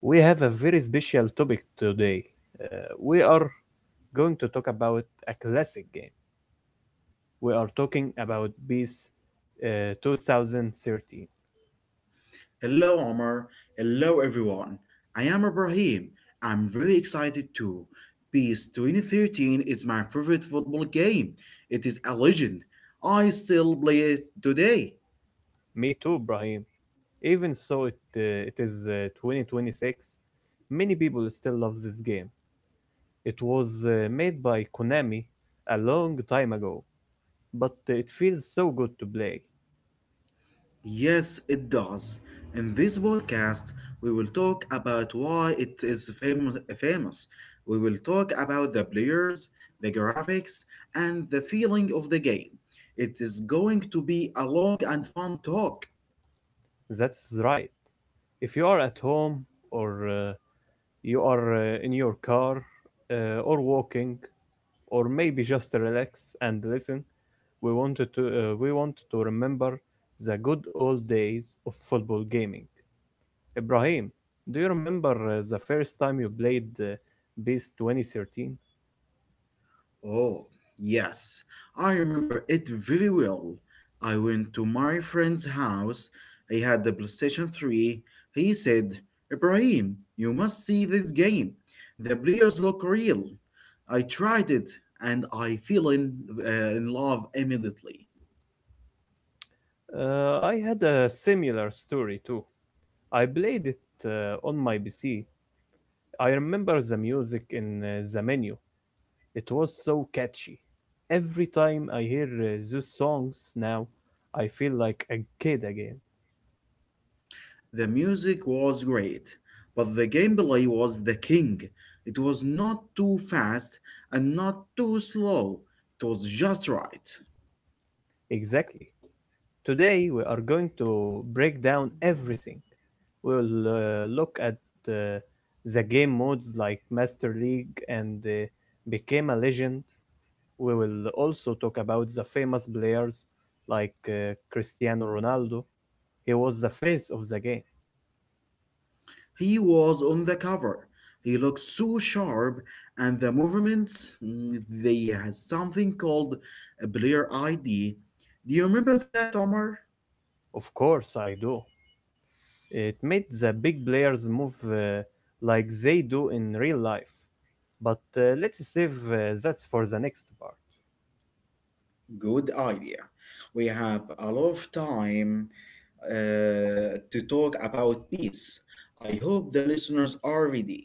We have a very special topic today. Uh, we are going to talk about a classic game. We are talking about PES uh, 2013. Hello, Omar. Hello, everyone. I am Ibrahim. I'm very excited too. PES 2013 is my favorite football game. It is a legend. I still play it today. Me too, Brahim. Even so, it is 2026. Many people still love this game. It was made by Konami a long time ago, but it feels so good to play. Yes, it does. In this podcast, we will talk about why it is famous. We will talk about the players, the graphics, and the feeling of the game. It is going to be a long and fun talk. That's right. If you are at home or you are in your car or walking or maybe just relax and listen, we want to remember the good old days of football gaming. Ibrahim, do you remember the first time you played BIS 2013? Oh, yes, I remember it very well. I went to my friend's house. He had the PlayStation 3. He said, Ibrahim, you must see this game. The players look real. I tried it and I fell in love immediately. I had a similar story too. I played it on my PC. I remember the music in the menu. It was so catchy. Every time I hear those songs now, I feel like a kid again. The music was great, but the gameplay was the king. It was not too fast and not too slow. It was just right. Exactly. Today we are going to break down everything. We'll look at uh, the game modes like Master League and Became a Legend. We will also talk about the famous players like Cristiano Ronaldo. He was the face of the game. He was on the cover. He looked so sharp, and the movements, they had something called a Blair ID. Do you remember that, Omar? Of course, I do. It made the big players move like they do in real life. But let's save that for the next part. Good idea. We have a lot of time to talk about peace. I hope the listeners are ready.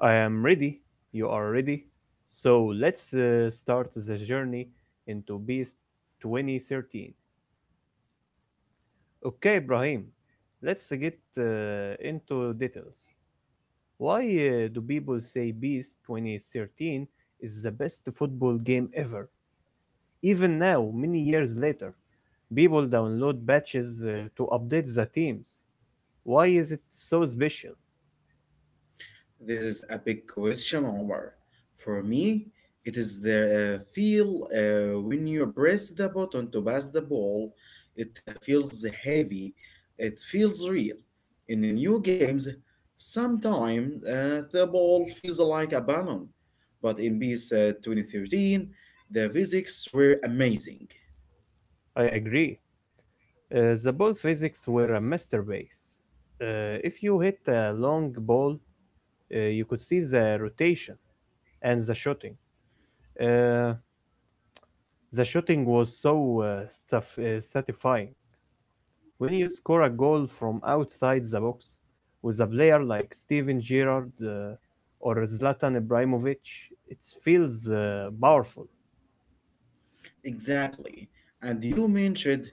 I am ready. You are ready. So let's start the journey into Beast 2013. Okay, Ibrahim, let's get into details. Why do people say Beast 2013 is the best football game ever? Even now, many years later, people download patches to update the teams. Why is it so special? This is a big question, Omar. For me, it is the feel when you press the button to pass the ball. It feels heavy. It feels real. In the new games, sometimes the ball feels like a balloon. But in PS 2013, the physics were amazing. I agree. The ball physics were a masterpiece. If you hit a long ball, you could see the rotation and the shooting. Uh, the shooting was so satisfying. When you score a goal from outside the box with a player like Steven Gerrard or Zlatan Ibrahimovic, it feels powerful. Exactly. And you mentioned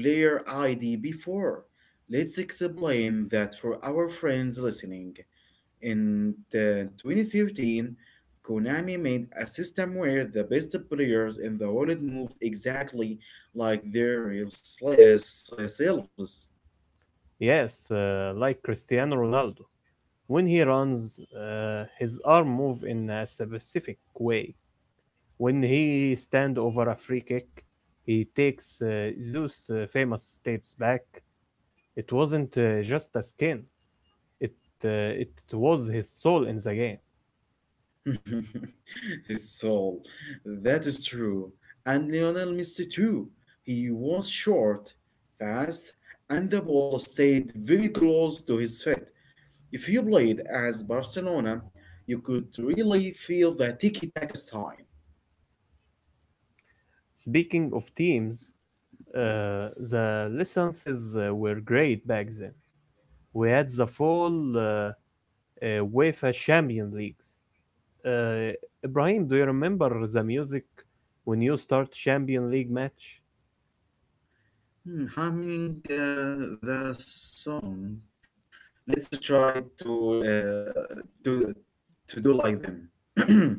player ID before. Let's explain that for our friends listening. In the 2013, Konami made a system where the best players in the world moved exactly like their real selves. Yes, like Cristiano Ronaldo. When he runs, his arm move in a specific way. When he stand over a free kick, he takes those famous steps back. It wasn't just a skin. It it was his soul in the game. His soul. That is true. And Lionel Messi too. He was short, fast, and the ball stayed very close to his feet. If you played as Barcelona, you could really feel the tiki-taka style. Speaking of teams, the licenses were great back then. We had the full uh, UEFA Champions Leagues. Uh, Ibrahim, do you remember the music when you start Champions League match? Hmm, humming the song. Let's try to do like them.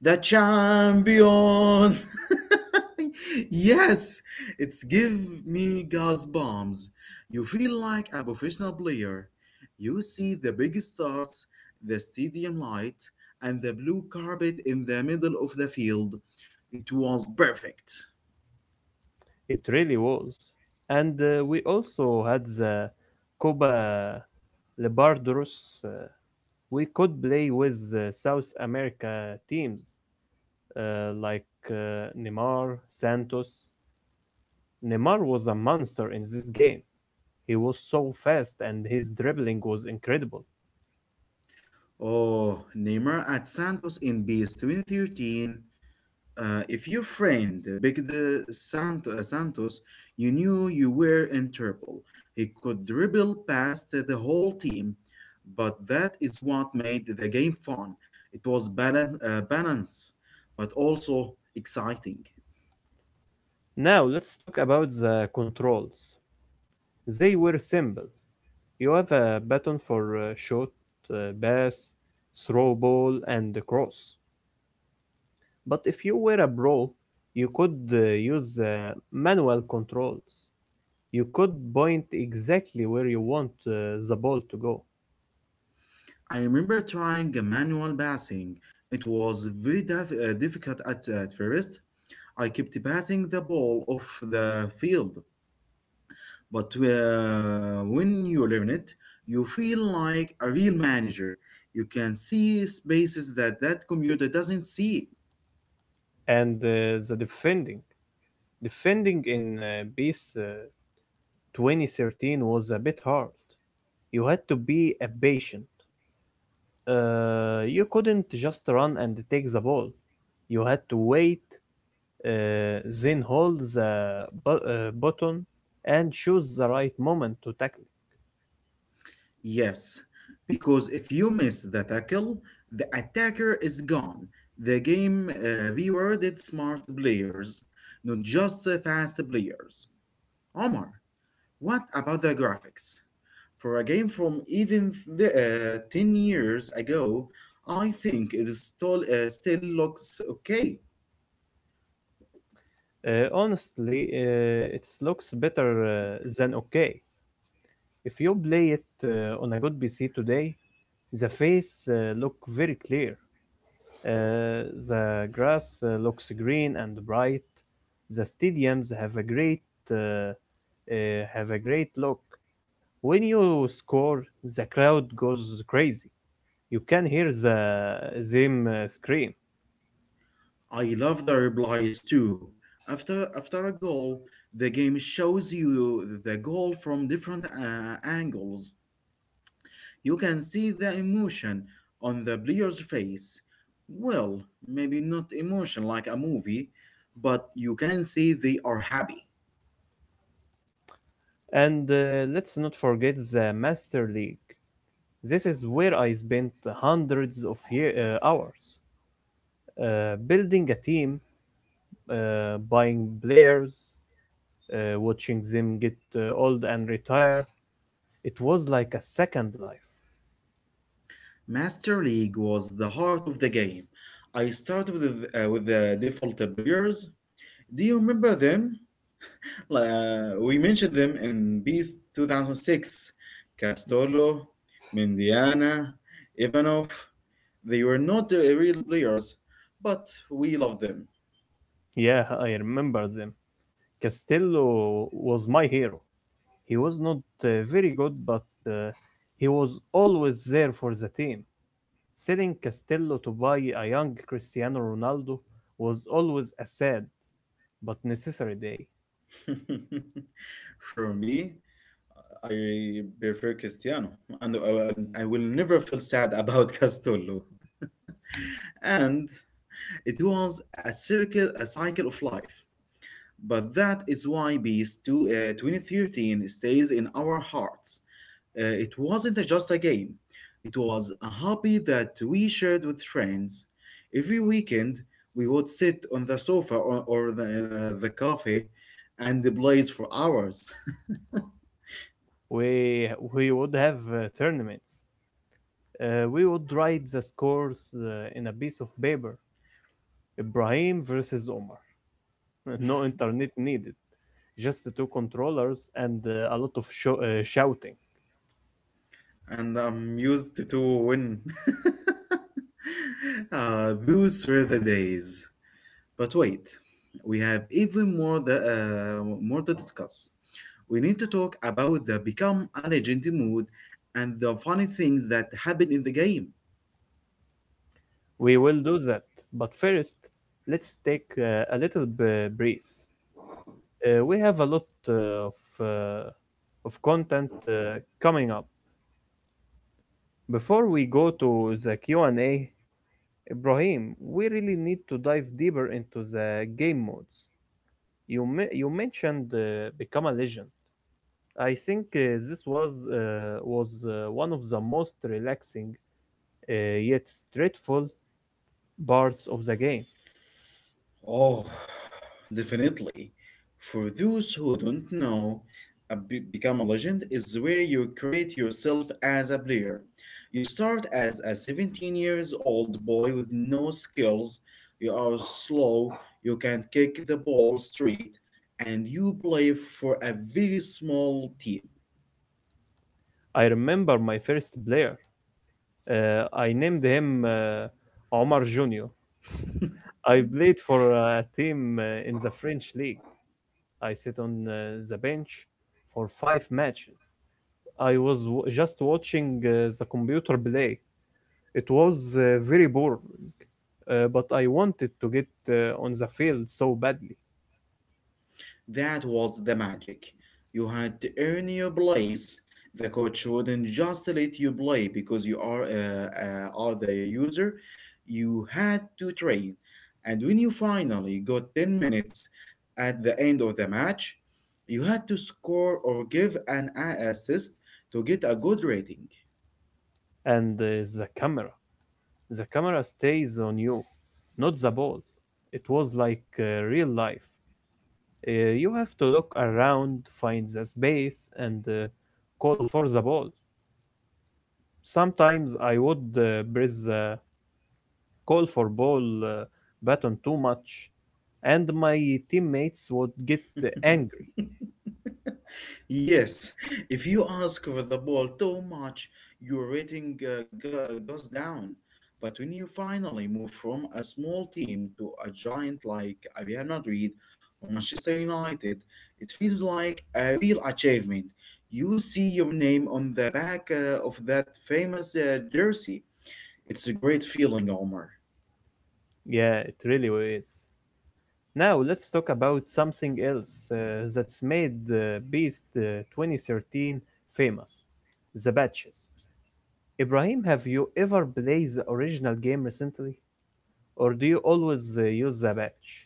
The champions. Yes, it's give me gas bombs. You feel like a professional player. You see the big stars, the stadium light, and the blue carpet in the middle of the field. It was perfect. It really was. And we also had the Copa Libertadores. We could play with South America teams like Neymar, Santos. Neymar was a monster in this game. He was so fast and his dribbling was incredible. Oh, Neymar at Santos in BS 2013. Uh, if your friend picked Santos, you knew you were in trouble. He could dribble past the whole team, but that is what made the game fun. It was balance but also exciting. Now let's talk about the controls. They were simple. You have a button for shot, pass, throw ball, and the cross. But if you were a pro, you could use manual controls. You could point exactly where you want the ball to go. I remember trying a manual passing. It was very difficult at first. I kept passing the ball off the field. But when you learn it, you feel like a real manager. You can see spaces that computer doesn't see. And the defending in PES 2013 was a bit hard. You had to be a patient. You couldn't just run and take the ball. You had to wait, then hold the button and choose the right moment to tackle. Yes, because if you miss the tackle, the attacker is gone. The game rewarded smart players, not just fast players. Omar, what about the graphics? For a game from even 10 years ago, I think it is still looks okay. Honestly, it looks better than okay. If you play it on a good PC today, the face look very clear. The grass looks green and bright. The stadiums uh, have a great look. When you score, the crowd goes crazy. You can hear them scream. I love the replies too. After a goal, the game shows you the goal from different angles. You can see the emotion on the player's face. Well, maybe not emotion like a movie, but you can see they are happy. And let's not forget the Master League. This is where I spent hundreds of hours building a team, buying players, watching them get old and retire. It was like a second life. Master League was the heart of the game. I started with the default players. Do you remember them? We mentioned them in Beast 2006, Castolo, Mendiana, Ivanov. They were not the real players, but we love them. Yeah, I remember them. Castello was my hero. He was not very good, but uh, he was always there for the team. Selling Castello to buy a young Cristiano Ronaldo was always a sad but necessary day. For me, I prefer Cristiano, and I will never feel sad about Castolo. And it was a circle, a cycle of life. But that is why Beast 2013 stays in our hearts. It wasn't just a game, it was a hobby that we shared with friends. Every weekend, we would sit on the sofa or in the cafe and blaze for hours. We would have tournaments. We would write the scores in a piece of paper. Ibrahim versus Omar. No internet needed. Just the two controllers and a lot of shouting. And I'm used to win. Those were the days. But wait, we have even more to discuss. We need to talk about the become a legend mood and the funny things that happen in the game. We will do that, but first, let's take a little breeze. We have a lot uh, of uh, of content coming up. Before we go to the Q and A, Ibrahim, we really need to dive deeper into the game modes. You mentioned become a legend. I think this was one of the most relaxing yet straightful parts of the game. Oh, definitely. For those who don't know, a become a legend is where you create yourself as a player. You start as a 17 years old boy with no skills. You are slow, you can kick the ball straight, and you play for a very small team. I remember my first player. I named him Omar Junior. I played for a team in the French league. I sat on the bench for 5 matches. I was just watching the computer play. It was very boring, but I wanted to get on the field so badly. That was the magic. You had to earn your place. The coach wouldn't just let you play because you are the user. You had to train. And when you finally got 10 minutes at the end of the match, you had to score or give an assist to get a good rating. And the camera, the camera stays on you, not the ball. It was like real life. You have to look around, find the space, and call for the ball. Sometimes I would press the call for ball button too much, and my teammates would get angry. Yes, if you ask for the ball too much, your rating goes down. But when you finally move from a small team to a giant like a Real Madrid or Manchester United, it feels like a real achievement. You see your name on the back of that famous jersey. It's a great feeling, Omar. Yeah, it really is. Now let's talk about something else that's made Beast 2013 famous, the badges. Ibrahim, have you ever played the original game recently, or do you always use the badge?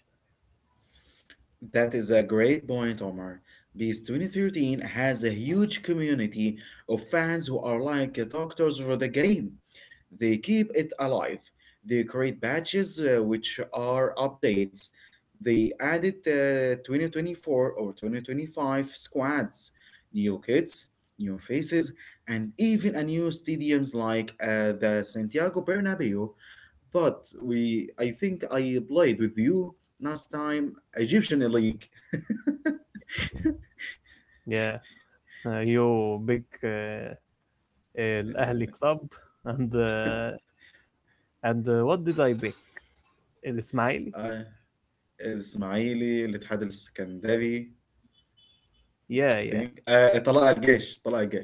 That is a great point, Omar. Beast 2013 has a huge community of fans who are like doctors for the game. They keep it alive. They create patches which are updates. They added 2024 or 2025 squads, new kits, new faces, and even a new stadiums like the Santiago Bernabeu. But I think I played with you last time Egyptian league. Yeah, you big El Ahli club, and uh, and what did I pick? El Ismaili? Ah, Ismaili. Let's have the Scandavi. Yeah, I yeah, think. Ah, it's a lot of the game.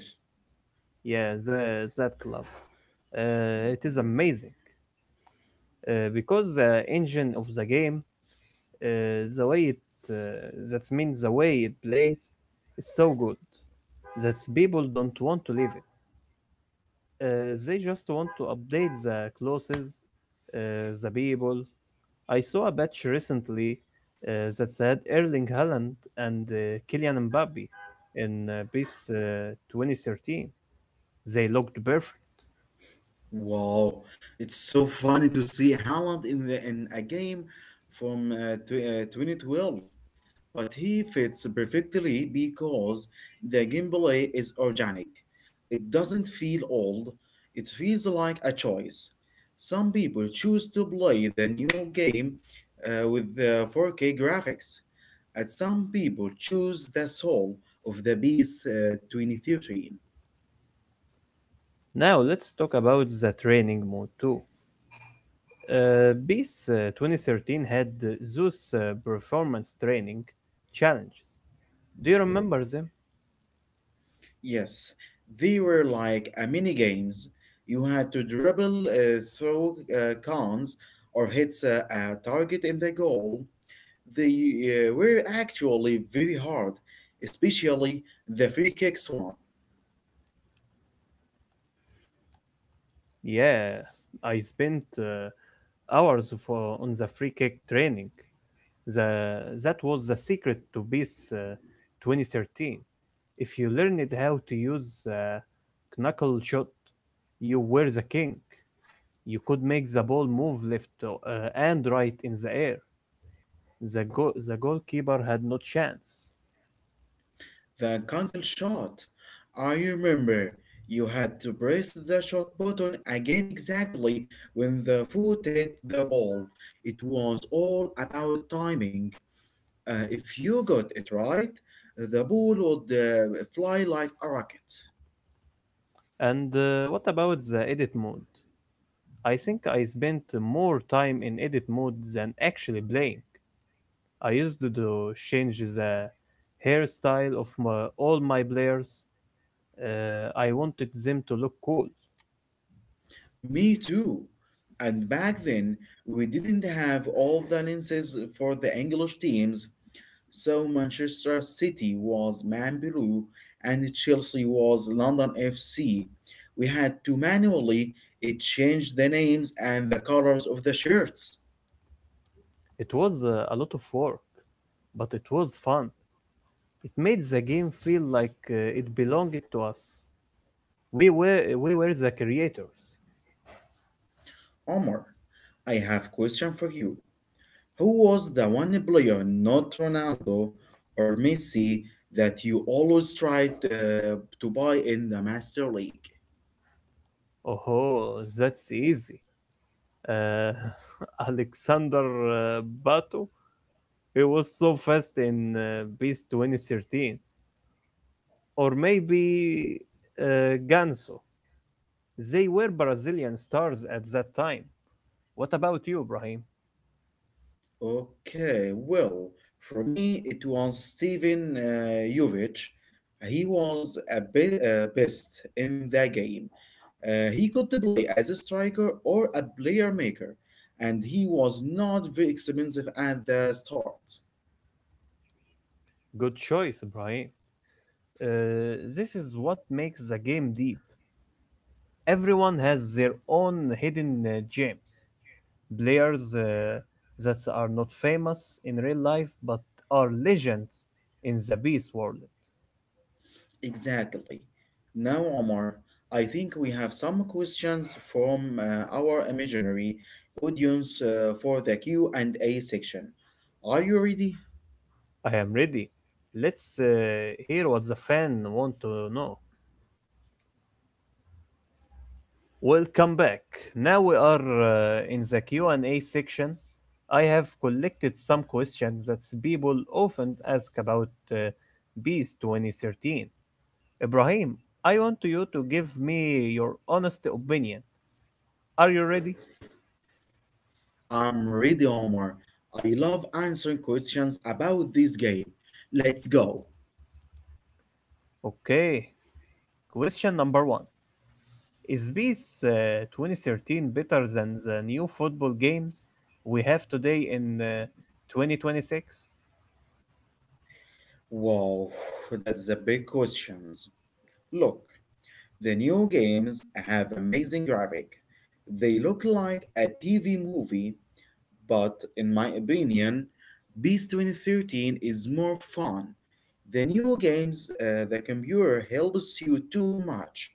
yeah. That club. It is amazing because the engine of the game the way it uh, that means the way it plays is so good that people don't want to leave it. They just want to update the clothes, uh, the people. I saw a batch recently that said Erling Haaland and Kylian Mbappe in PES 2013. They looked perfect. Wow, it's so funny to see Holland in the in a game from two 2012. But he fits perfectly because the gameplay is organic. It doesn't feel old, it feels like a choice. Some people choose to play the new game with the 4K graphics, and some people choose the soul of the Beast 2013. Now let's talk about the training mode too. BIS 2013 had those performance training challenges. Do you remember them? Yes, they were like a mini games. You had to dribble through cons or hit a target in the goal. They were actually very hard, especially the free kicks one, Yeah, I spent hours on the free kick training. The, that was the secret to PES 2013. If you learned how to use the knuckle shot, you were the king. You could make the ball move left and right in the air. The goalkeeper had no chance. the conkle shot. I remember you had to press the shot button again exactly when the foot hit the ball. It was all about timing. If you got it right, the ball would fly like a rocket. And what about the edit mode? I think I spent more time in edit mode than actually playing. I used to change the hairstyle of all my players. I wanted them to look cool. Me too. And back then, we didn't have all the lenses for the English teams. So Manchester City was Man Blue and Chelsea was London FC. We had to manually it change the names and the colors of the shirts. It was a lot of work, but it was fun. It made the game feel like it belonged to us. We were the creators. Omar, I have question for you. Who was the one player, not Ronaldo or Messi, that you always tried to buy in the Master League? Oh, that's easy. Uh, Alexander Bato. It was so fast in Beast 2013, or maybe Ganso. They were Brazilian stars at that time. What about you, Brahim? Okay, well, for me, it was Steven Jovic. He was a best in the game. He could play as a striker or a player maker, and he was not very expensive at the start. Good choice, Brahim. This is what makes the game deep. Everyone has their own hidden gems, players that are not famous in real life but are legends in the Beast world. Exactly. Now, Omar, I think we have some questions from our imaginary audience for the Q&A section. Are you ready? I am ready. Let's hear what the fan want to know. Welcome back. Now we are in the Q&A section. I have collected some questions that people often ask about Beast 2013. Ibrahim, I want you to give me your honest opinion. Are you ready? I'm ready, Omar. I love answering questions about this game. Let's go. Okay. Question number one. Is this 2013 better than the new football games we have today in 2026? Wow, that's a big questions. Look, the new games have amazing graphic. They look like a TV movie. But in my opinion, Beast 2013 is more fun. The new games, the computer helps you too much.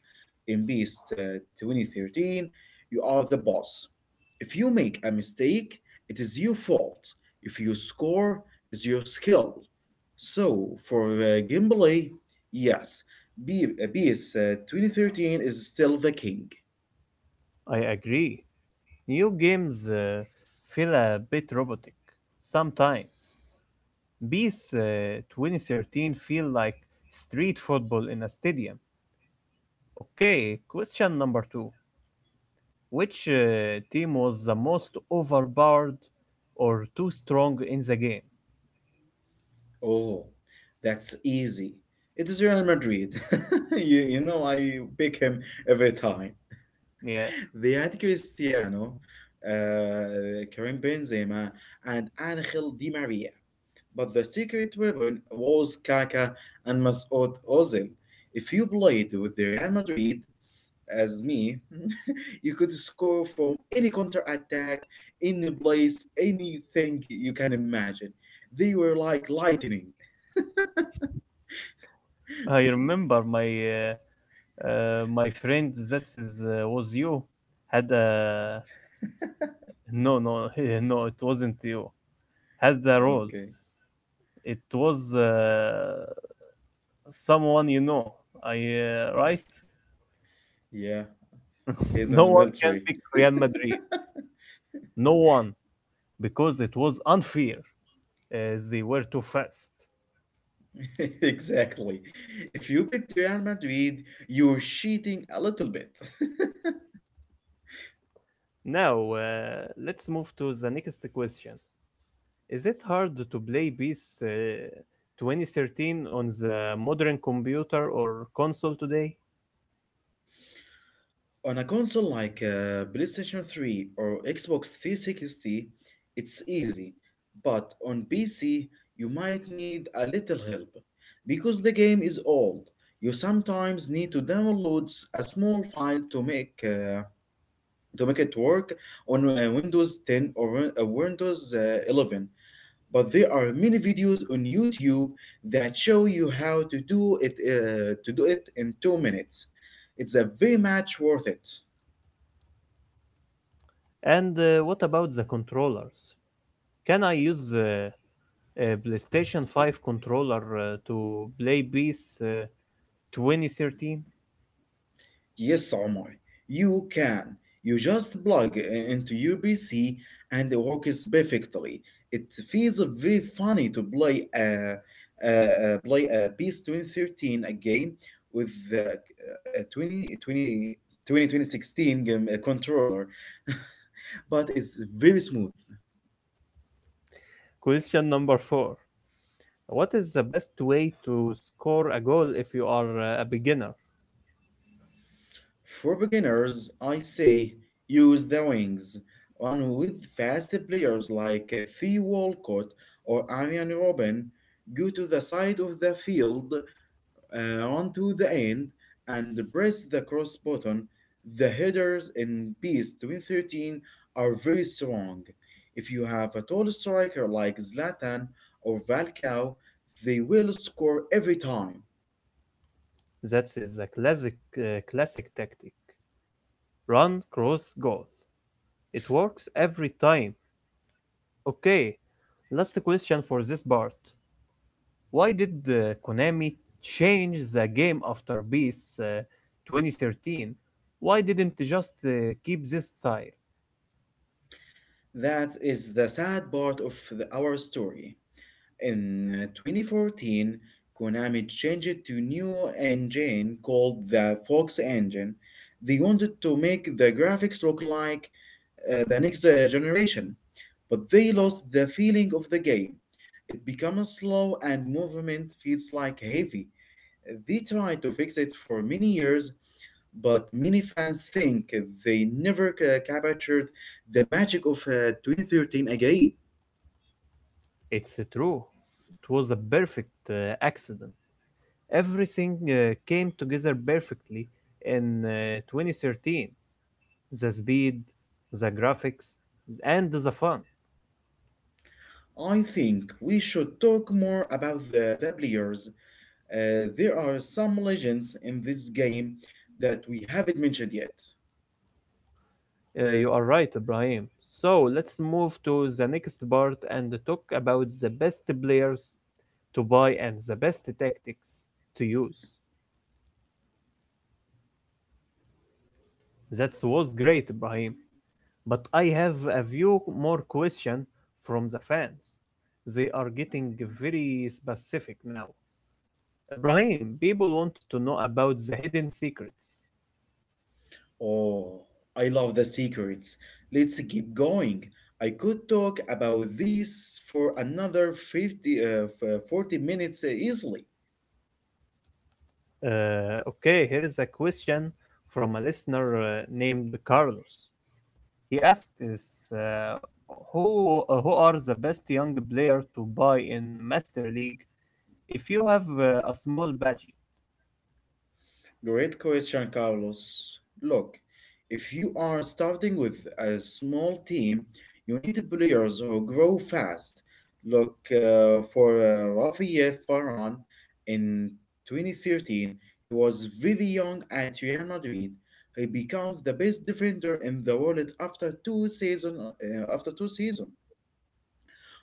In Beast 2013, you are the boss. If you make a mistake, it is your fault. If you score, it's your skill. So for gameplay, yes, Be PES 2013 is still the king. I agree. New games feel a bit robotic sometimes. These 2013 feel like street football in a stadium. Okay, question number two. Which team was the most overpowered or too strong in the game? Oh, that's easy. It is Real Madrid. I pick him every time. Yeah, They had Cristiano, Karim Benzema, and Angel Di Maria. But the secret weapon was Kaká and Mesut Ozil. If you played with the Real Madrid, as me, you could score from any counter attack, any place, anything you can imagine. They were like lightning. I remember my friend that is was you had a no no no it wasn't you had the role. Okay. It was someone you know. I Right. Yeah, he's in No the one can military. pick Real Madrid. No one because it was unfair. They were too fast. Exactly. If you picked Real Madrid, you're cheating a little bit. Now let's move to the next question. Is it hard to play PES 2013 on the modern computer or console today? On a console like PlayStation 3 or Xbox 360, it's easy. But on PC, you might need a little help. Because the game is old, you sometimes need to download a small file to make it work on Windows 10 or Windows 11. But there are many videos on YouTube that show you how to do it in 2 minutes. It's a very much worth it. And what about the controllers? Can I use a PlayStation 5 controller to play PES 2013? Yes, Omar, you can. You just plug into your PC and it works perfectly. It feels very funny to a, play a PES 2013 a game with the twenty twenty sixteen game, controller but it's very smooth. Question number four. What is the best way to score a goal if you are a beginner? For beginners, I say use the wings, one with fast players like Fee Walcott or Amian Robin. Go to the side of the field, onto the end, and press the cross button. The headers in PES 2013 are very strong. If you have a tall striker like Zlatan or Valkau, they will score every time. That is a classic tactic. Run, cross, goal. It works every time. Okay, last question for this part. Why did Konami change the game after Beast 2013? Why didn't they just keep this style? That is the sad part of our story. In 2014, Konami changed to new engine called the Fox Engine. They wanted to make the graphics look like the next generation, but they lost the feeling of the game. It becomes slow and movement feels like heavy. They tried to fix it for many years, but many fans think they never captured the magic of 2013 again. It's true. It was a perfect accident. Everything came together perfectly in 2013. The speed, the graphics, and the fun. I think we should talk more about the players. There are some legends in this game that we haven't mentioned yet. You are right, Ibrahim. So let's move to the next part and talk about the best players to buy and the best tactics to use. That was great, Ibrahim. But I have a few more questions from the fans. They are getting very specific now. Ibrahim, people want to know about the hidden secrets. Oh, I love the secrets. Let's keep going. I could talk about this for another 40 minutes easily. Okay, here is a question from a listener named Carlos. He asked us, who are the best young player to buy in Master League if you have a small budget? Great question, Carlos. Look, if you are starting with a small team, you need players who grow fast. Look, for Rafael Varane in 2013, he was very young at Real Madrid. He becomes the best defender in the world after two season after two seasons.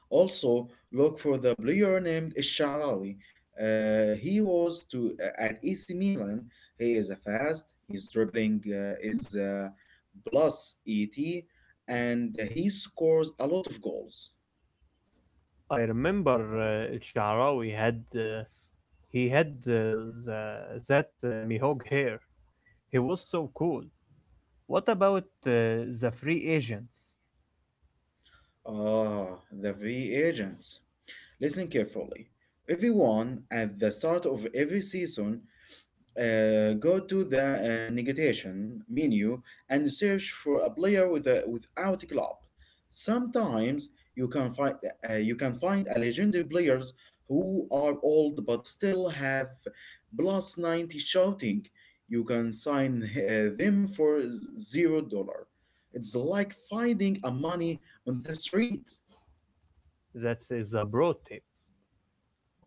Also, look for the player named Sharawi. He was to at AC Milan. He is a fast. His dribbling is plus 80, and he scores a lot of goals. I remember El Shaarawy had he had the, that Mihog hair. He was so cool. What about the free agents? Ah, the V agents. Listen carefully. Everyone at the start of every season, go to the navigation menu and search for a player with without a club. Sometimes you can find you can find a legendary players who are old but still have plus 90 shouting. You can sign them for $0. It's like finding a money on the street. That is a broad tip.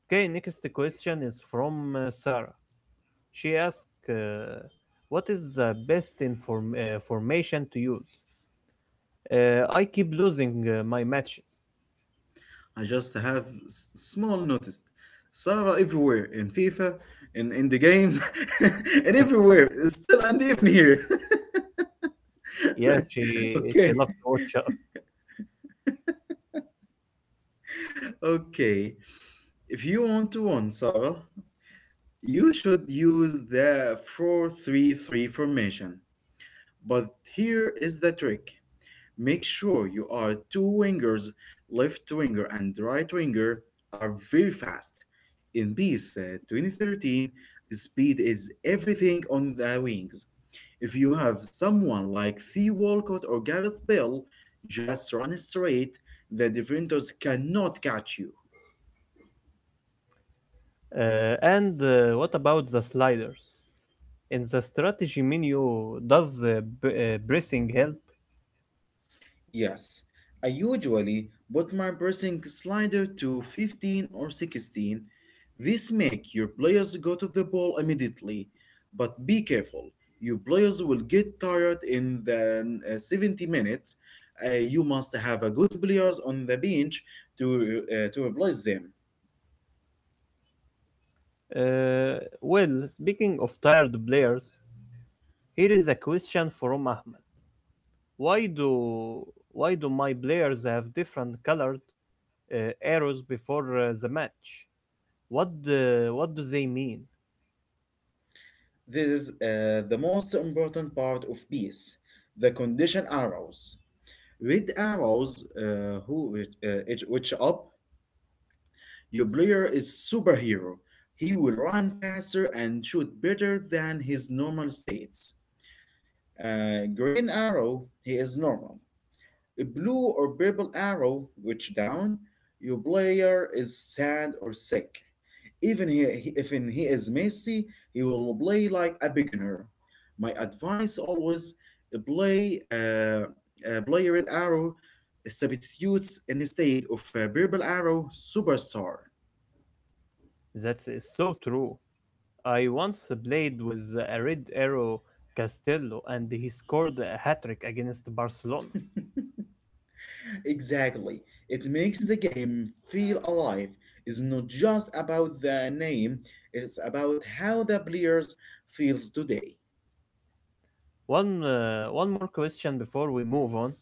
Okay, next question is from Sarah. She asked, "What is the best inform formation to use? I keep losing my matches." I just have small noticed. Sarah everywhere in FIFA, in the games, and everywhere. Still and even here. Yeah, she okay, loved to watch us. okay. If you want to win, Sarah, you should use the 4-3-3 formation. But here is the trick. Make sure you are two wingers, left winger and right winger, are very fast. In Peace 2013, speed is everything on the wings. If you have someone like Theo Walcott or Gareth Bale just run straight, the defenders cannot catch you. And what about the sliders? In the strategy menu, does pressing help? Yes, I usually put my pressing slider to 15 or 16. This make your players go to the ball immediately, but be careful. Your players will get tired in the 70 minutes. You must have a good players on the bench to replace them. Well, speaking of tired players, here is a question from Ahmed. Why do why do my players have different colors uh, arrows before the match. What do they mean? This is the most important part of peace. The condition arrows. Red arrows, which up, your player is superhero. He will run faster and shoot better than his normal states. Green arrow, he is normal. A blue or purple arrow, which down, your player is sad or sick. Even he- if in- he is messy, he will play like a beginner. My advice always, uh, play uh, play red arrow substitutes instead of purple arrow superstar. That's so true. I once played with a red arrow Castello, and he scored a hat trick against Barcelona. Exactly. It makes the game feel alive. It's not just about the name, it's about how the players feels today. One more question before we move on.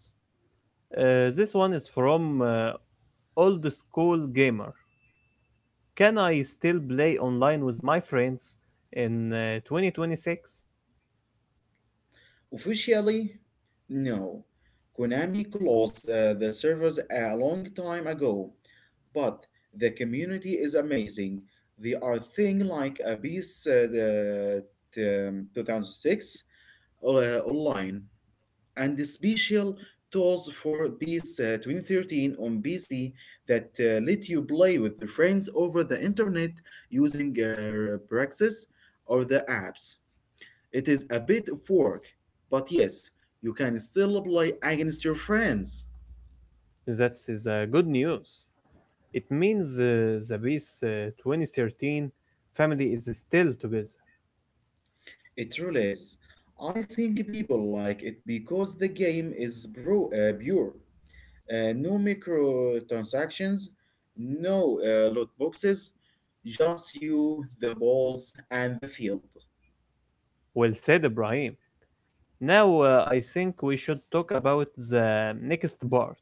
This one is from old school gamer. Can I still play online with my friends in 2026? Officially, no. Konami closed the servers a long time ago, but the community is amazing. They are thing like Abyss 2006 online, and the special tools for PES 2013 on PC that let you play with your friends over the internet using Praxis or the apps. It is a bit of work, but yes, you can still play against your friends. That's is good news. It means the Beast 2013 family is still together. It really is. I think people like it because the game is pure. No microtransactions, no loot boxes, just you, the balls, and the field. Well said, Ibrahim. Now I think we should talk about the next part.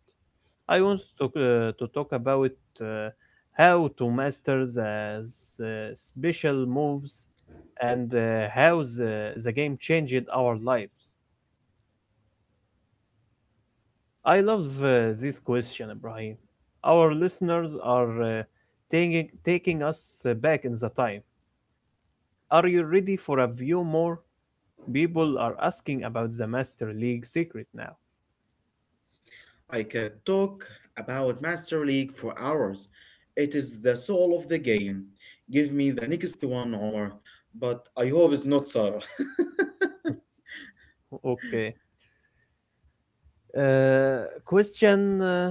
I want to talk about uh, how to master the special moves and how the game changed our lives. I love this question, Ibrahim. Our listeners are uh, taking us back in the time. Are you ready for a few more? People are asking about the Master League secret now. I could talk about Master League for hours. It is the soul of the game. Give me the next one, Omar. But I hope it's not Sarah. Okay. Uh, question uh,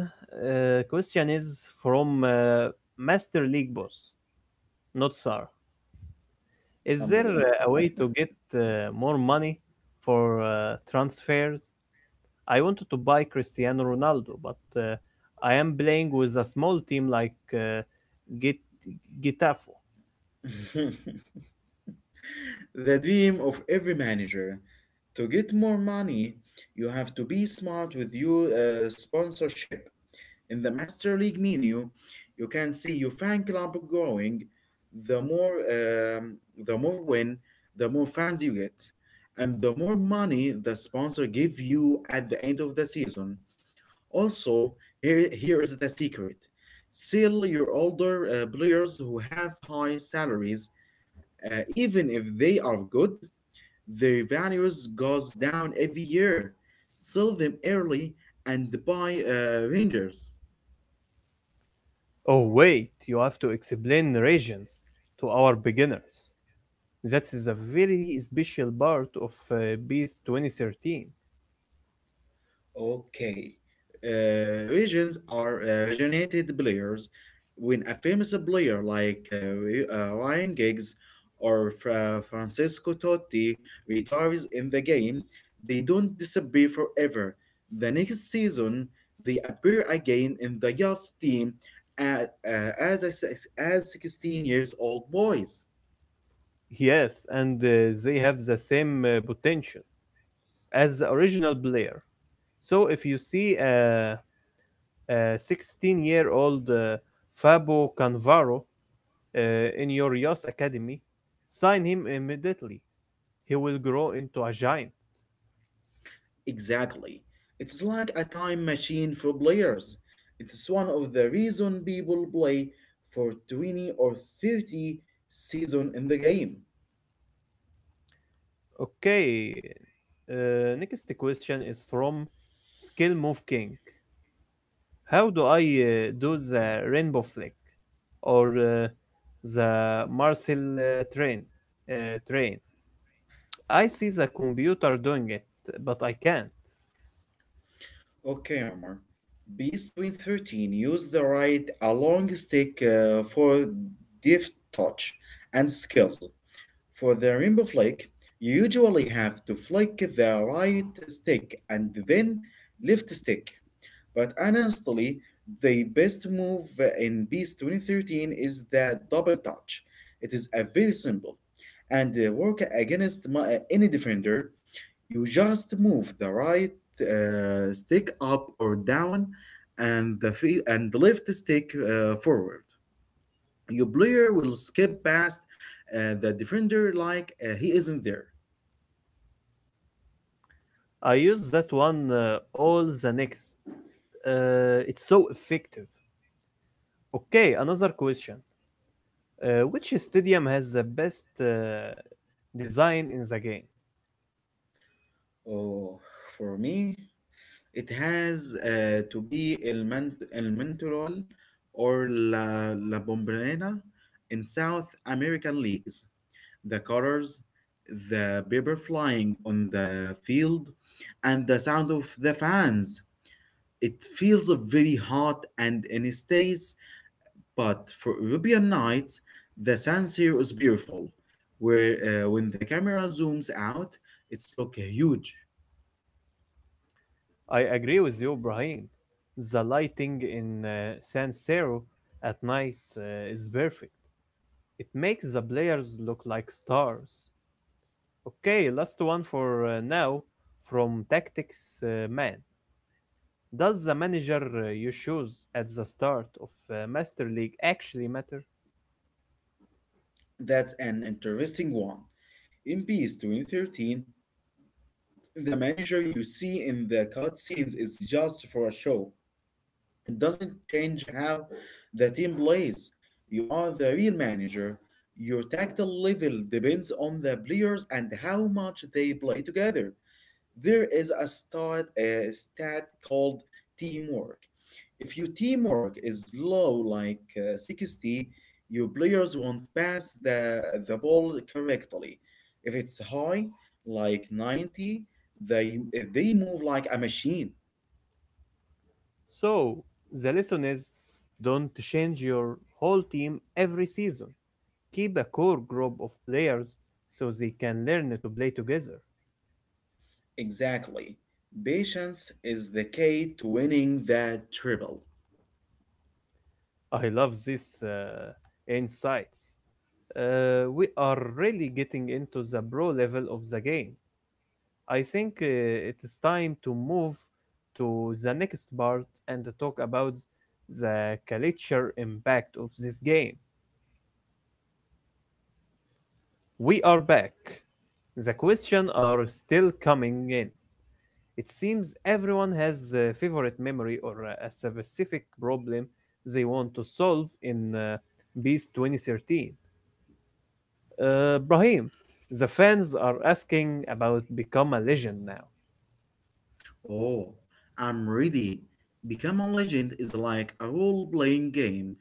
question is from Master League boss, not Sar. Is there Alhamdulillah. A way to get more money for transfers? I wanted to buy Cristiano Ronaldo, but I am playing with a small team like Git- Gitafo. The dream of every manager. To get more money, you have to be smart with your sponsorship. In the Master League menu, you can see your fan club growing. The more, um, the more win, the more fans you get, and the more money the sponsor give you at the end of the season. Also, here is the secret: sell your older players who have high salaries, even if they are good. Their values goes down every year. Sell them early and buy Rangers. Oh, wait, you have to explain regions to our beginners. That is a very special part of BIS 2013. Okay. Regions are originated players. When a famous player like Ryan Giggs or Francesco Totti retires in the game, they don't disappear forever. The next season, they appear again in the youth team at, as, a, six- as 16 years old boys. Yes, and they have the same potential as the original player. So if you see a 16-year-old Fabo Canvaro in your Yas academy, sign him immediately. He will grow into a giant. Exactly. It's like a time machine for players. It's one of the reason people play for 20 or 30 season in the game. Okay. Next question is from Skill Move King. How do I do the rainbow flick or the Marcel train. I see the computer doing it, but I can't. Okay, Omar. Beast Win 13 used the right a long stick for deft touch and skills. For the rainbow flick, you usually have to flick the right stick and then left stick. But honestly, the best move in Beast 2013 is the double touch. It is a very simple and work against any defender. You just move the right stick up or down, and and the left stick forward. Your player will skip past the defender like he isn't there. I use that one all the next. It's so effective. Okay, another question. Which stadium has the best design in the game? Oh, for me. It has to be El Mentoral or La Bombonera in South American leagues. The colors, the paper flying on the field, and the sound of the fans. It feels very hot and in states, but for European nights, the San Siro is beautiful. Where when the camera zooms out, it's look huge. I agree with you, Brahim. The lighting in San Siro at night is perfect. It makes the players look like stars. Okay, last one for now from Tactics Man. Does the manager you choose at the start of Master League actually matter? That's an interesting one. In PS 2013, the manager you see in the cutscenes is just for a show. It doesn't change how the team plays. You are the real manager. Your tactile level depends on the players and how much they play together. There is a stat called teamwork. If your teamwork is low, like 60, your players won't pass the ball correctly. If it's high, like 90, they, they move like a machine. So, the lesson is don't change your whole team every season. Keep a core group of players so they can learn to play together. Exactly. Patience is the key to winning that triple. I love these insights. We are really getting into the pro level of the game. I think it is time to move to the next part and to talk about the culture impact of this game. We are back. The questions are still coming in. It seems everyone has a favorite memory or a specific problem they want to solve in Beast 2013. Brahim, the fans are asking about Become a Legend now. Oh, I'm ready. Become a Legend is like a role playing game,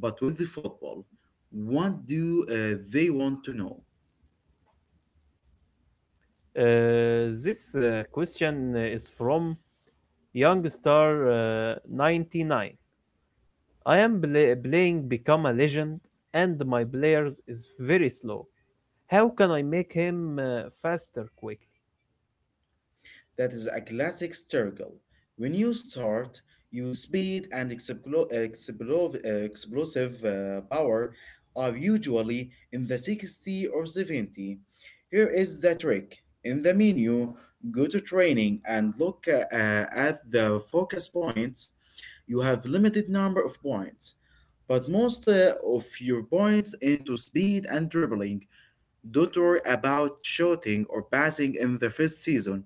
but with the football. What do they want to know? This question is from Youngstar 99. I am playing Become a Legend and my player is very slow. How can I make him faster quickly? That is a classic struggle. When you start, your speed and explosive power are usually in the 60 or 70. Here is the trick. In the menu, go to training and look at the focus points. You have limited number of points, but most of your points into speed and dribbling. Don't worry about shooting or passing in the first season.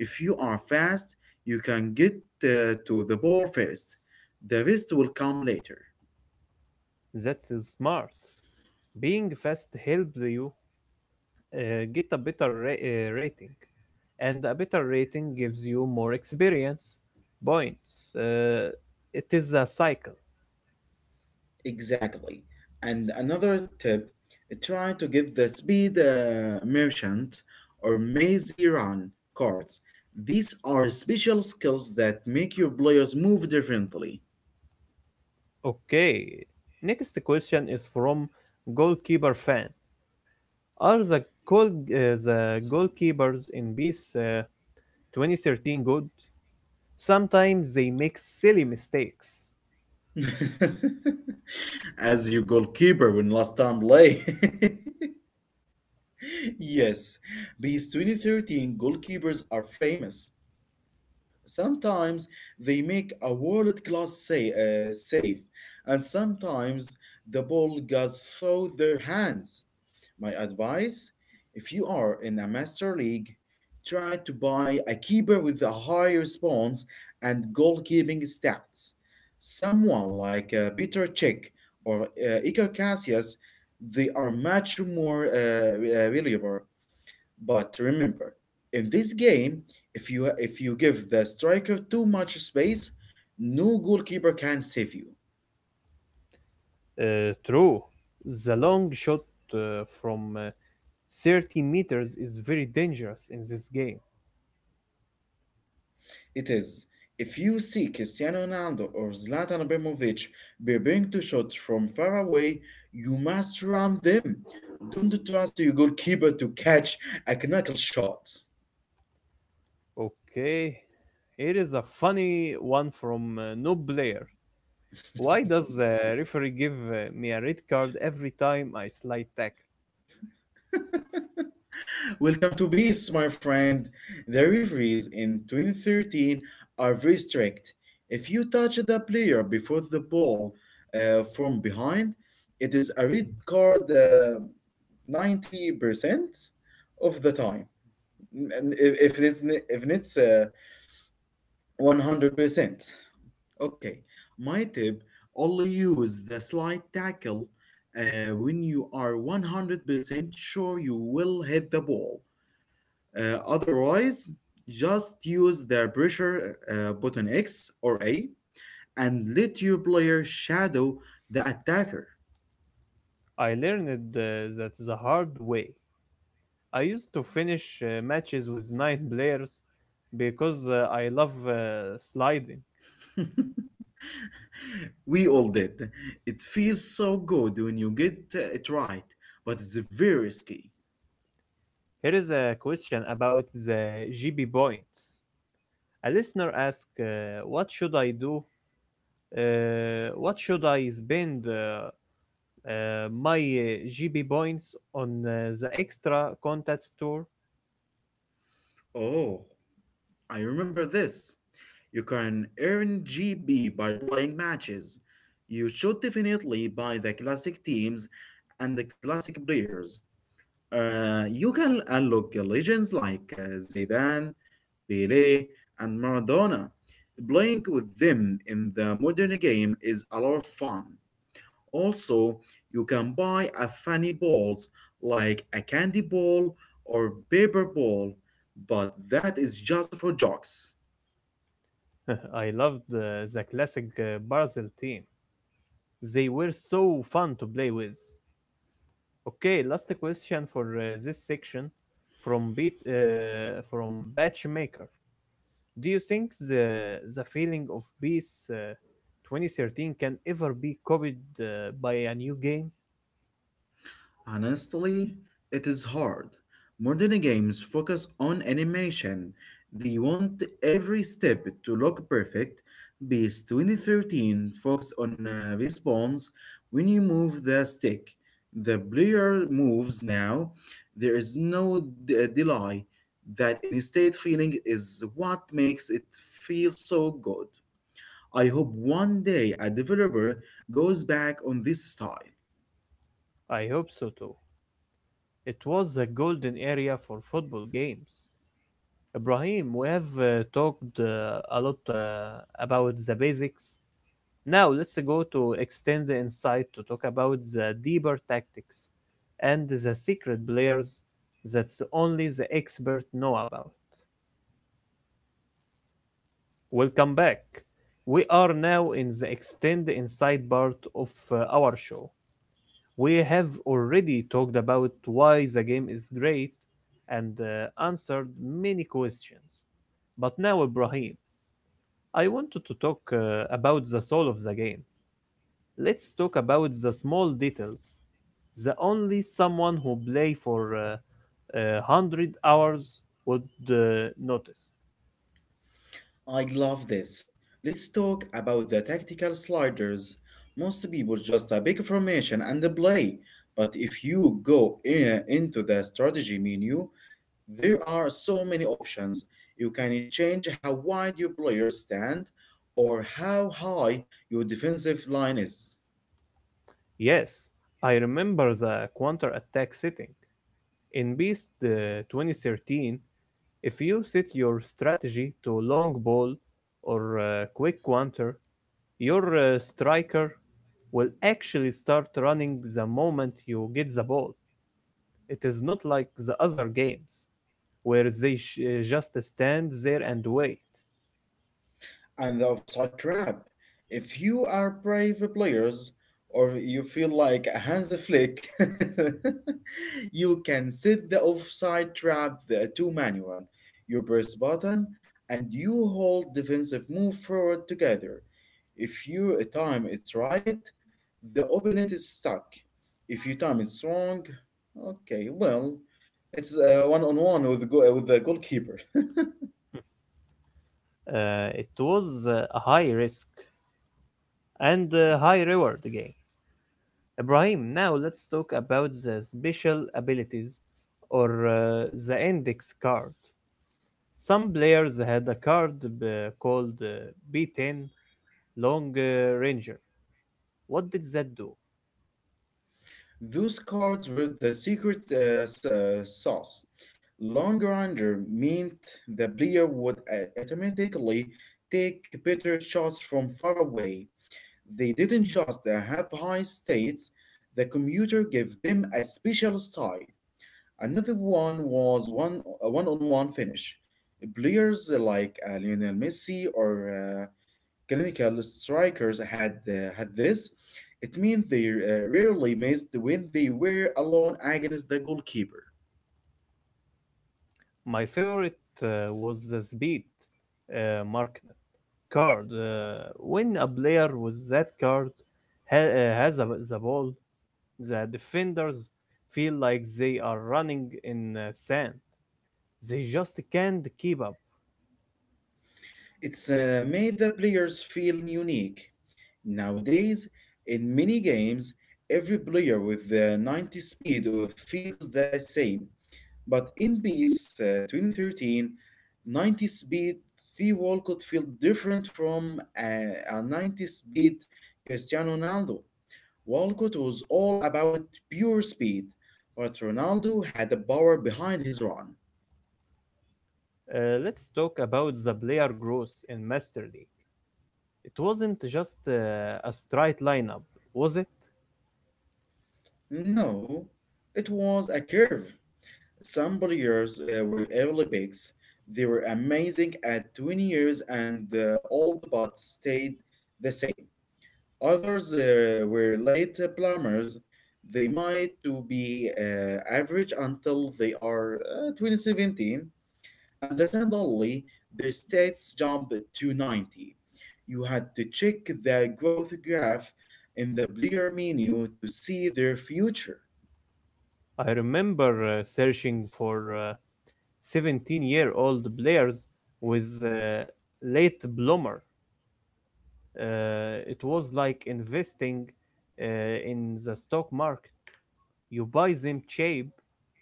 If you are fast, you can get to the ball first. The rest will come later. That's smart. Being fast helps you get a better rating, and a better rating gives you more experience points. It is a cycle. Exactly. And another tip: try to get the speed merchant or mazy run cards. These are special skills that make your players move differently. Okay. Next question is from goalkeeper fan. Are the goalkeepers in this 2013 good? Sometimes they make silly mistakes. As your goalkeeper when last time play. Yes, these 2013 goalkeepers are famous. Sometimes they make a world class save, and sometimes the ball goes through their hands. My advice, if you are in a master league, try to buy a keeper with a high response and goalkeeping stats. Someone like Peter Cech or Iker Casillas, they are much more reliable. But remember, in this game, if you give the striker too much space, no goalkeeper can save you. True. The long shot from 30 meters is very dangerous in this game. It is. If you see Cristiano Ronaldo or Zlatan Ibrahimovic preparing to shot from far away, you must run them. Don't trust your goalkeeper to catch a knuckle shot. Okay, here is a funny one from Noob Blair. Why does the referee give me a red card every time I slide tackle? Welcome to peace, my friend. The referees in 2013 are very strict. If you touch the player before the ball from behind, it is a red card 90% of the time. And if it's, n- if it's 100%. Okay, my tip: only use the slide tackle when you are 100% sure you will hit the ball. Otherwise, just use the pressure button X or A and let your player shadow the attacker. I learned that the hard way. I used to finish matches with 9 players because I love sliding. We all did. It feels so good when you get it right, but it's very risky. Here is a question about the GB points. A listener asked, What should I spend my GB points on the extra content store? Oh, I remember this. You can earn GB by playing matches. You should definitely buy the classic teams and the classic players. You can unlock legends like Zidane, Pele, and Maradona. Playing with them in the modern game is a lot of fun. Also, you can buy a funny balls like a candy ball or paper ball, but that is just for jokes. I loved the classic Barzil team. They were so fun to play with. Okay, last question for this section from beat from Batchmaker. Do you think the feeling of peace 2013 can ever be copied by a new game? Honestly, it is hard. Modern games focus on animation. They want every step to look perfect. Beast 2013 focused on response when you move the stick. The player moves now. There is no delay. That in-state feeling is what makes it feel so good. I hope one day a developer goes back on this style. I hope so too. It was a golden area for football games. Ibrahim, we have talked a lot about the basics. Now let's go to extend the insight to talk about the deeper tactics and the secret players that only the expert know about. Welcome back. We are now in the extend the insight part of our show. We have already talked about why the game is great and answered many questions. But now, Ibrahim, I wanted to talk about the soul of the game. Let's talk about the small details. The only someone who play for 100 hours would notice. I love this. Let's talk about the tactical sliders. Most people just a big formation and play, but if you go into the strategy menu, there are so many options. You can change how wide your players stand or how high your defensive line is. Yes, I remember the counter attack setting. In Beast 2013, if you set your strategy to long ball or quick counter, your striker will actually start running the moment you get the ball. It is not like the other games, where they just stand there and wait. And the offside trap. If you are brave players or you feel like a Hansi Flick, you can set the offside trap to manual. You press button and you hold defensive move forward together. If you time it's right, the opponent is stuck. If you time it's wrong, okay, well, it's one on one with the goalkeeper. It was a high risk and a high reward game. Ibrahim, now let's talk about the special abilities or the index card. Some players had a card b- called B10 Long Ranger. What did that do? Those cards were the secret sauce. Long Ranger meant the player would automatically take better shots from far away. They didn't just have high states, the computer gave them a special style. Another one was one a one on one finish. Players like Lionel Messi or clinical strikers had this. It means they rarely missed when they were alone against the goalkeeper. My favorite was the Speed Markner card. When a player with that card has the ball, the defenders feel like they are running in sand. They just can't keep up. It's made the players feel unique. Nowadays, in many games, every player with the 90 speed feels the same. But in PES 2013, 90 speed the wall could feel different from a 90 speed Cristiano Ronaldo. Walcott was all about pure speed, but Ronaldo had the power behind his run. Let's talk about the player growth in Master League. It wasn't just a straight lineup, was it? No, it was a curve. Some players were early picks. They were amazing at 20 years and old but stayed the same. Others were late plumbers. They might to be average until they are 2017. And then suddenly, their stats jump to 90. You had to check the growth graph in the player menu to see their future. I remember searching for 17-year-old players with late bloomer. It was like investing uh, in the stock market. You buy them cheap,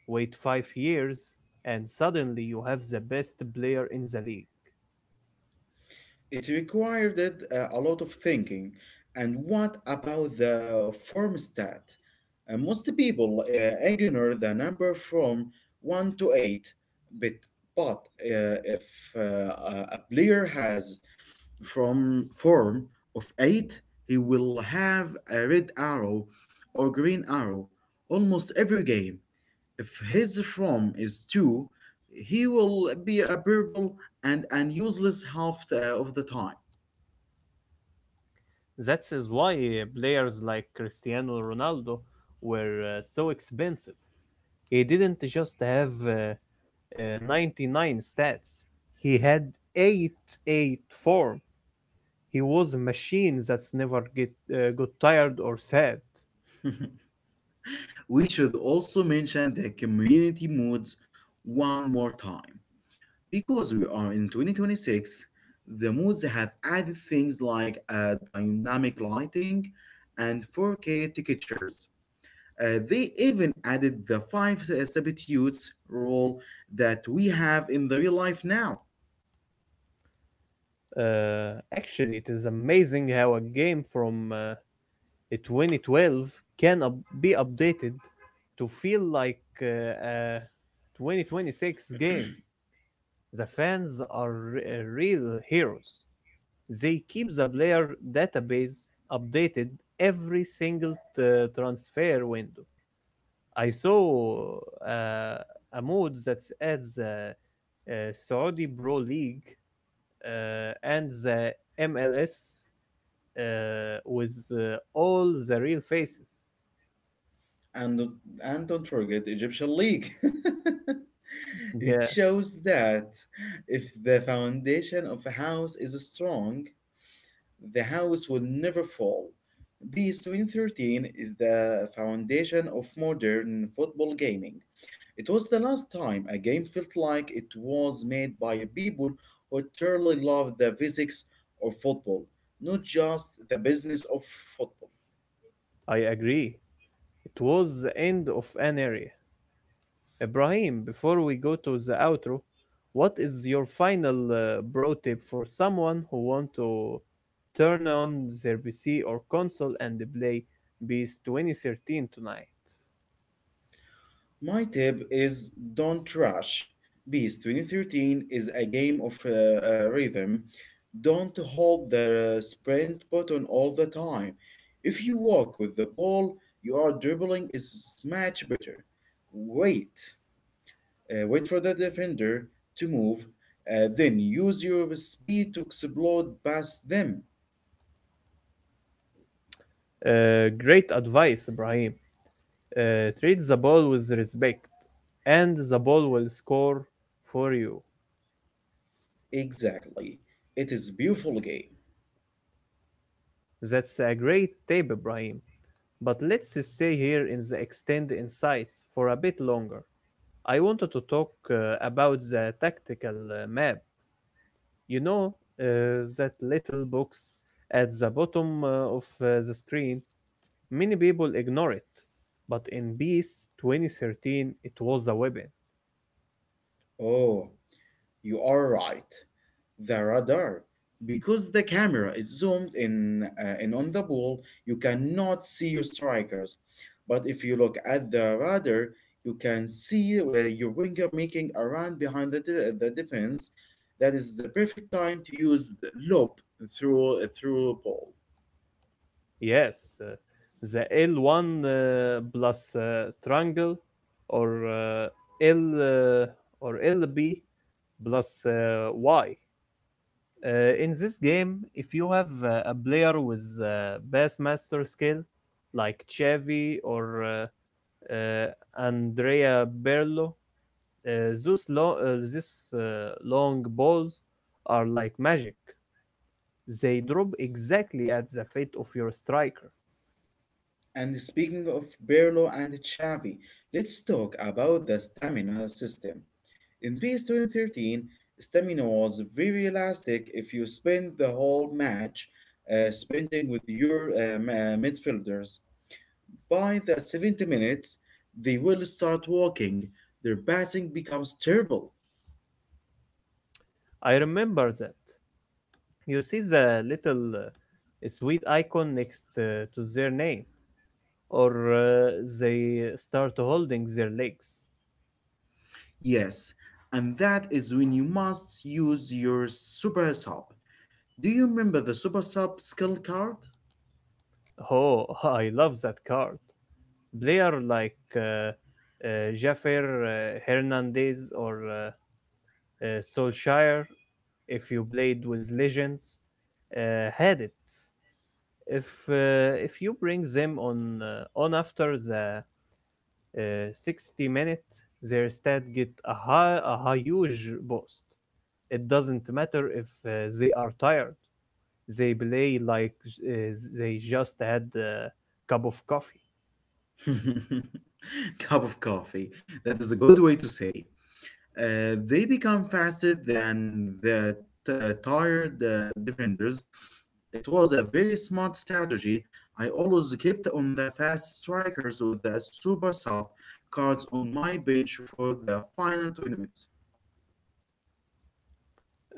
wait 5 years, and suddenly you have the best player in the league. It required a lot of thinking. And what about the form stat? Most people ignore the number from 1 to 8, but, but if a player has from form of 8, he will have a red arrow or green arrow almost every game. If his form is 2, he will be a purple and useless half of the time. That is why players like Cristiano Ronaldo were so expensive. He didn't just have 99 stats. He had 884. He was a machine that's never get got tired or sad. We should also mention the community modes one more time. Because we are in 2026, the modes have added things like dynamic lighting and 4K textures. They even added the five substitutes rule that we have in the real life now. Actually, it is amazing how a game from 2012 can be updated to feel like a 2026 game. The fans are real heroes. They keep the player database updated every single transfer window. I saw uh, a mode that adds Saudi Pro League and the MLS with all the real faces. And, don't- and don't forget Egyptian League. It Yeah, shows that if the foundation of a house is strong, the house will never fall. BS 2013 is the foundation of modern football gaming. It was the last time a game felt like it was made by people who truly love the physics of football, not just the business of football. I agree. It was the end of an area. Ibrahim, before we go to the outro, what is your final bro tip for someone who want to turn on their PC or console and play Beast 2013 tonight? My tip is don't trash. Beast 2013 is a game of rhythm. Don't hold the sprint button all the time. If you walk with the ball, your dribbling is much better. Wait. Wait, for the defender to move, then use your speed to explode past them. Great advice, Ibrahim. Treat the ball with respect, and the ball will score for you. Exactly. It is beautiful game. That's a great tip, Ibrahim. But let's stay here in the extend insights for a bit longer. I wanted to talk about the tactical map. You know, that little box at the bottom of the screen. Many people ignore it, but in BS 2013, it was a weapon. Oh, you are right. The radar. Because the camera is zoomed in on the ball, you cannot see your strikers. But if you look at the radar, you can see where your winger making a run behind the defense. That is the perfect time to use the lob through ball. Yes, the L1 plus triangle or L or LB plus Y. Uh, in this game, if you have a player with Bassmaster skill, like Chevy or uh, Andrea Berlo, these long balls are like magic. They drop exactly at the feet of your striker. And speaking of Berlo and Xavi, let's talk about the stamina system. In PS 2013, stamina was very elastic if you spent the whole match spending with your midfielders. By the 70 minutes, they will start walking. Their passing becomes terrible. I remember that. You see the little sweet icon next to their name, or they start holding their legs. Yes, and that is when you must use your super sub. Do you remember the super sub skill card? Oh, I love that card. Player like uh, Jaffer Hernandez or Solskjaer, if you played with Legends, had it. If if you bring them on after the 60 minute, their stat get a huge boost. It doesn't matter if they are tired, they play like uh, they just had a cup of coffee. Cup of coffee. That is a good way to say. They become faster than the tired defenders. It was a very smart strategy. I always kept on the fast strikers with the super sub cards on my bench for the final 20 minutes.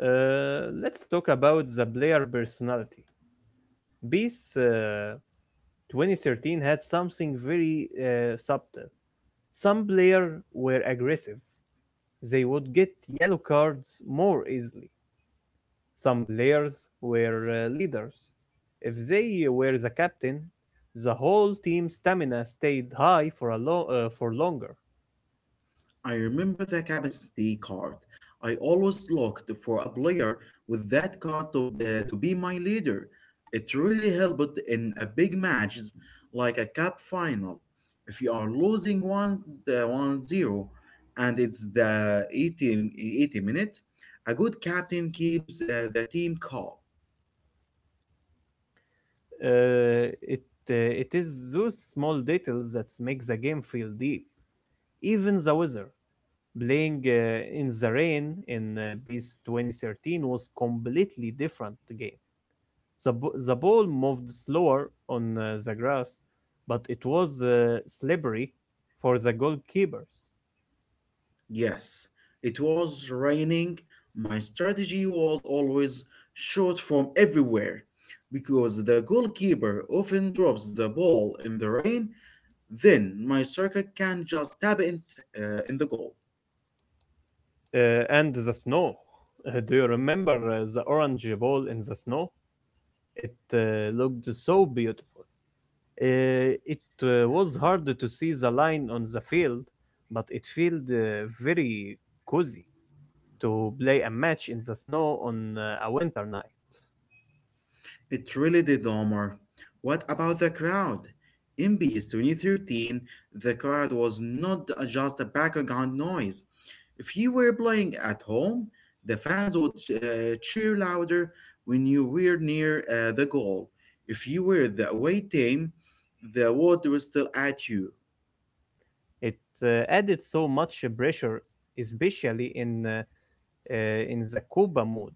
Let's talk about the player personality. Beast 2013 had something very subtle. Some players were aggressive, they would get yellow cards more easily. Some players were leaders. If they were the captain, the whole team's stamina stayed high for for longer. I remember the captain's card. I always looked for a player with that card to be my leader. It really helped in a big matches like a cup final. If you are losing 1-0 and it's the eighty minute, a good captain keeps the team calm. Uh, it it is those small details that make the game feel deep. Even the weather, playing in the rain in Beast 2013 was completely different game. The ball moved slower on the grass, but it was slippery for the goalkeepers. Yes, it was raining. My strategy was always shot from everywhere because the goalkeeper often drops the ball in the rain, then my striker can just tap it in the goal. And the snow. Do you remember the orange ball in the snow? It looked so beautiful. It was hard to see the line on the field, but it felt very cozy to play a match in the snow on a winter night. It really did, Omar. What about the crowd? In Beast 2013, the crowd was not just a background noise. If you were playing at home, the fans would cheer louder when you were near the goal. If you were the away team, the water was still at you. It added so much pressure, especially in the Copa mode.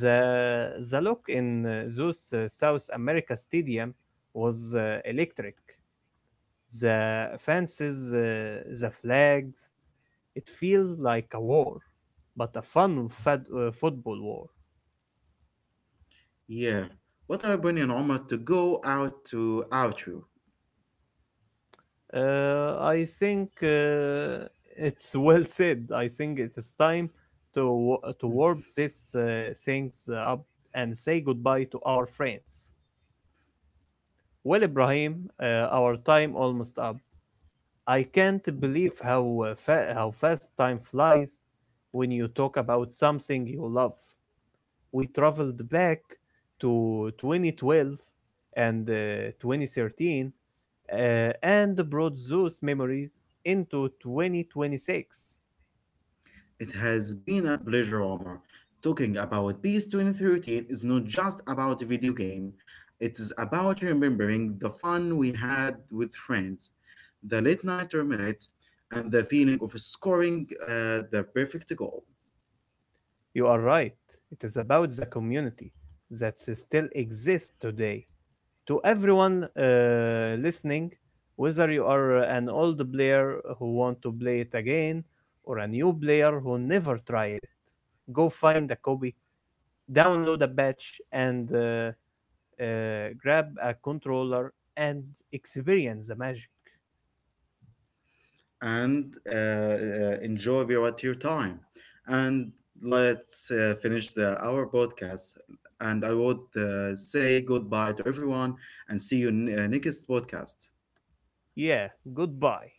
The look in those South America stadium was electric. The fences, the flags, it feels like a war, but a fun fad, football war. Yeah. What a opinion, Omar, to go out to outro. I think it's well said. I think it is time to to Hmm. warp these things up and say goodbye to our friends. Well, Ibrahim, our time almost up. I can't believe how how fast time flies when you talk about something you love. We traveled back to 2012 and 2013 and brought those memories into 2026. It has been a pleasure, Omar. Talking about Peace 2013 is not just about a video game, it is about remembering the fun we had with friends, the late night minutes, and the feeling of scoring the perfect goal. You are right. It is about the community that still exists today. To everyone listening, whether you are an old player who want to play it again or a new player who never tried it. Go find a copy, download a patch, and grab a controller and experience the magic. And enjoy at your time. And let's finish our podcast. And I would say goodbye to everyone and see you in next podcast. Yeah, goodbye.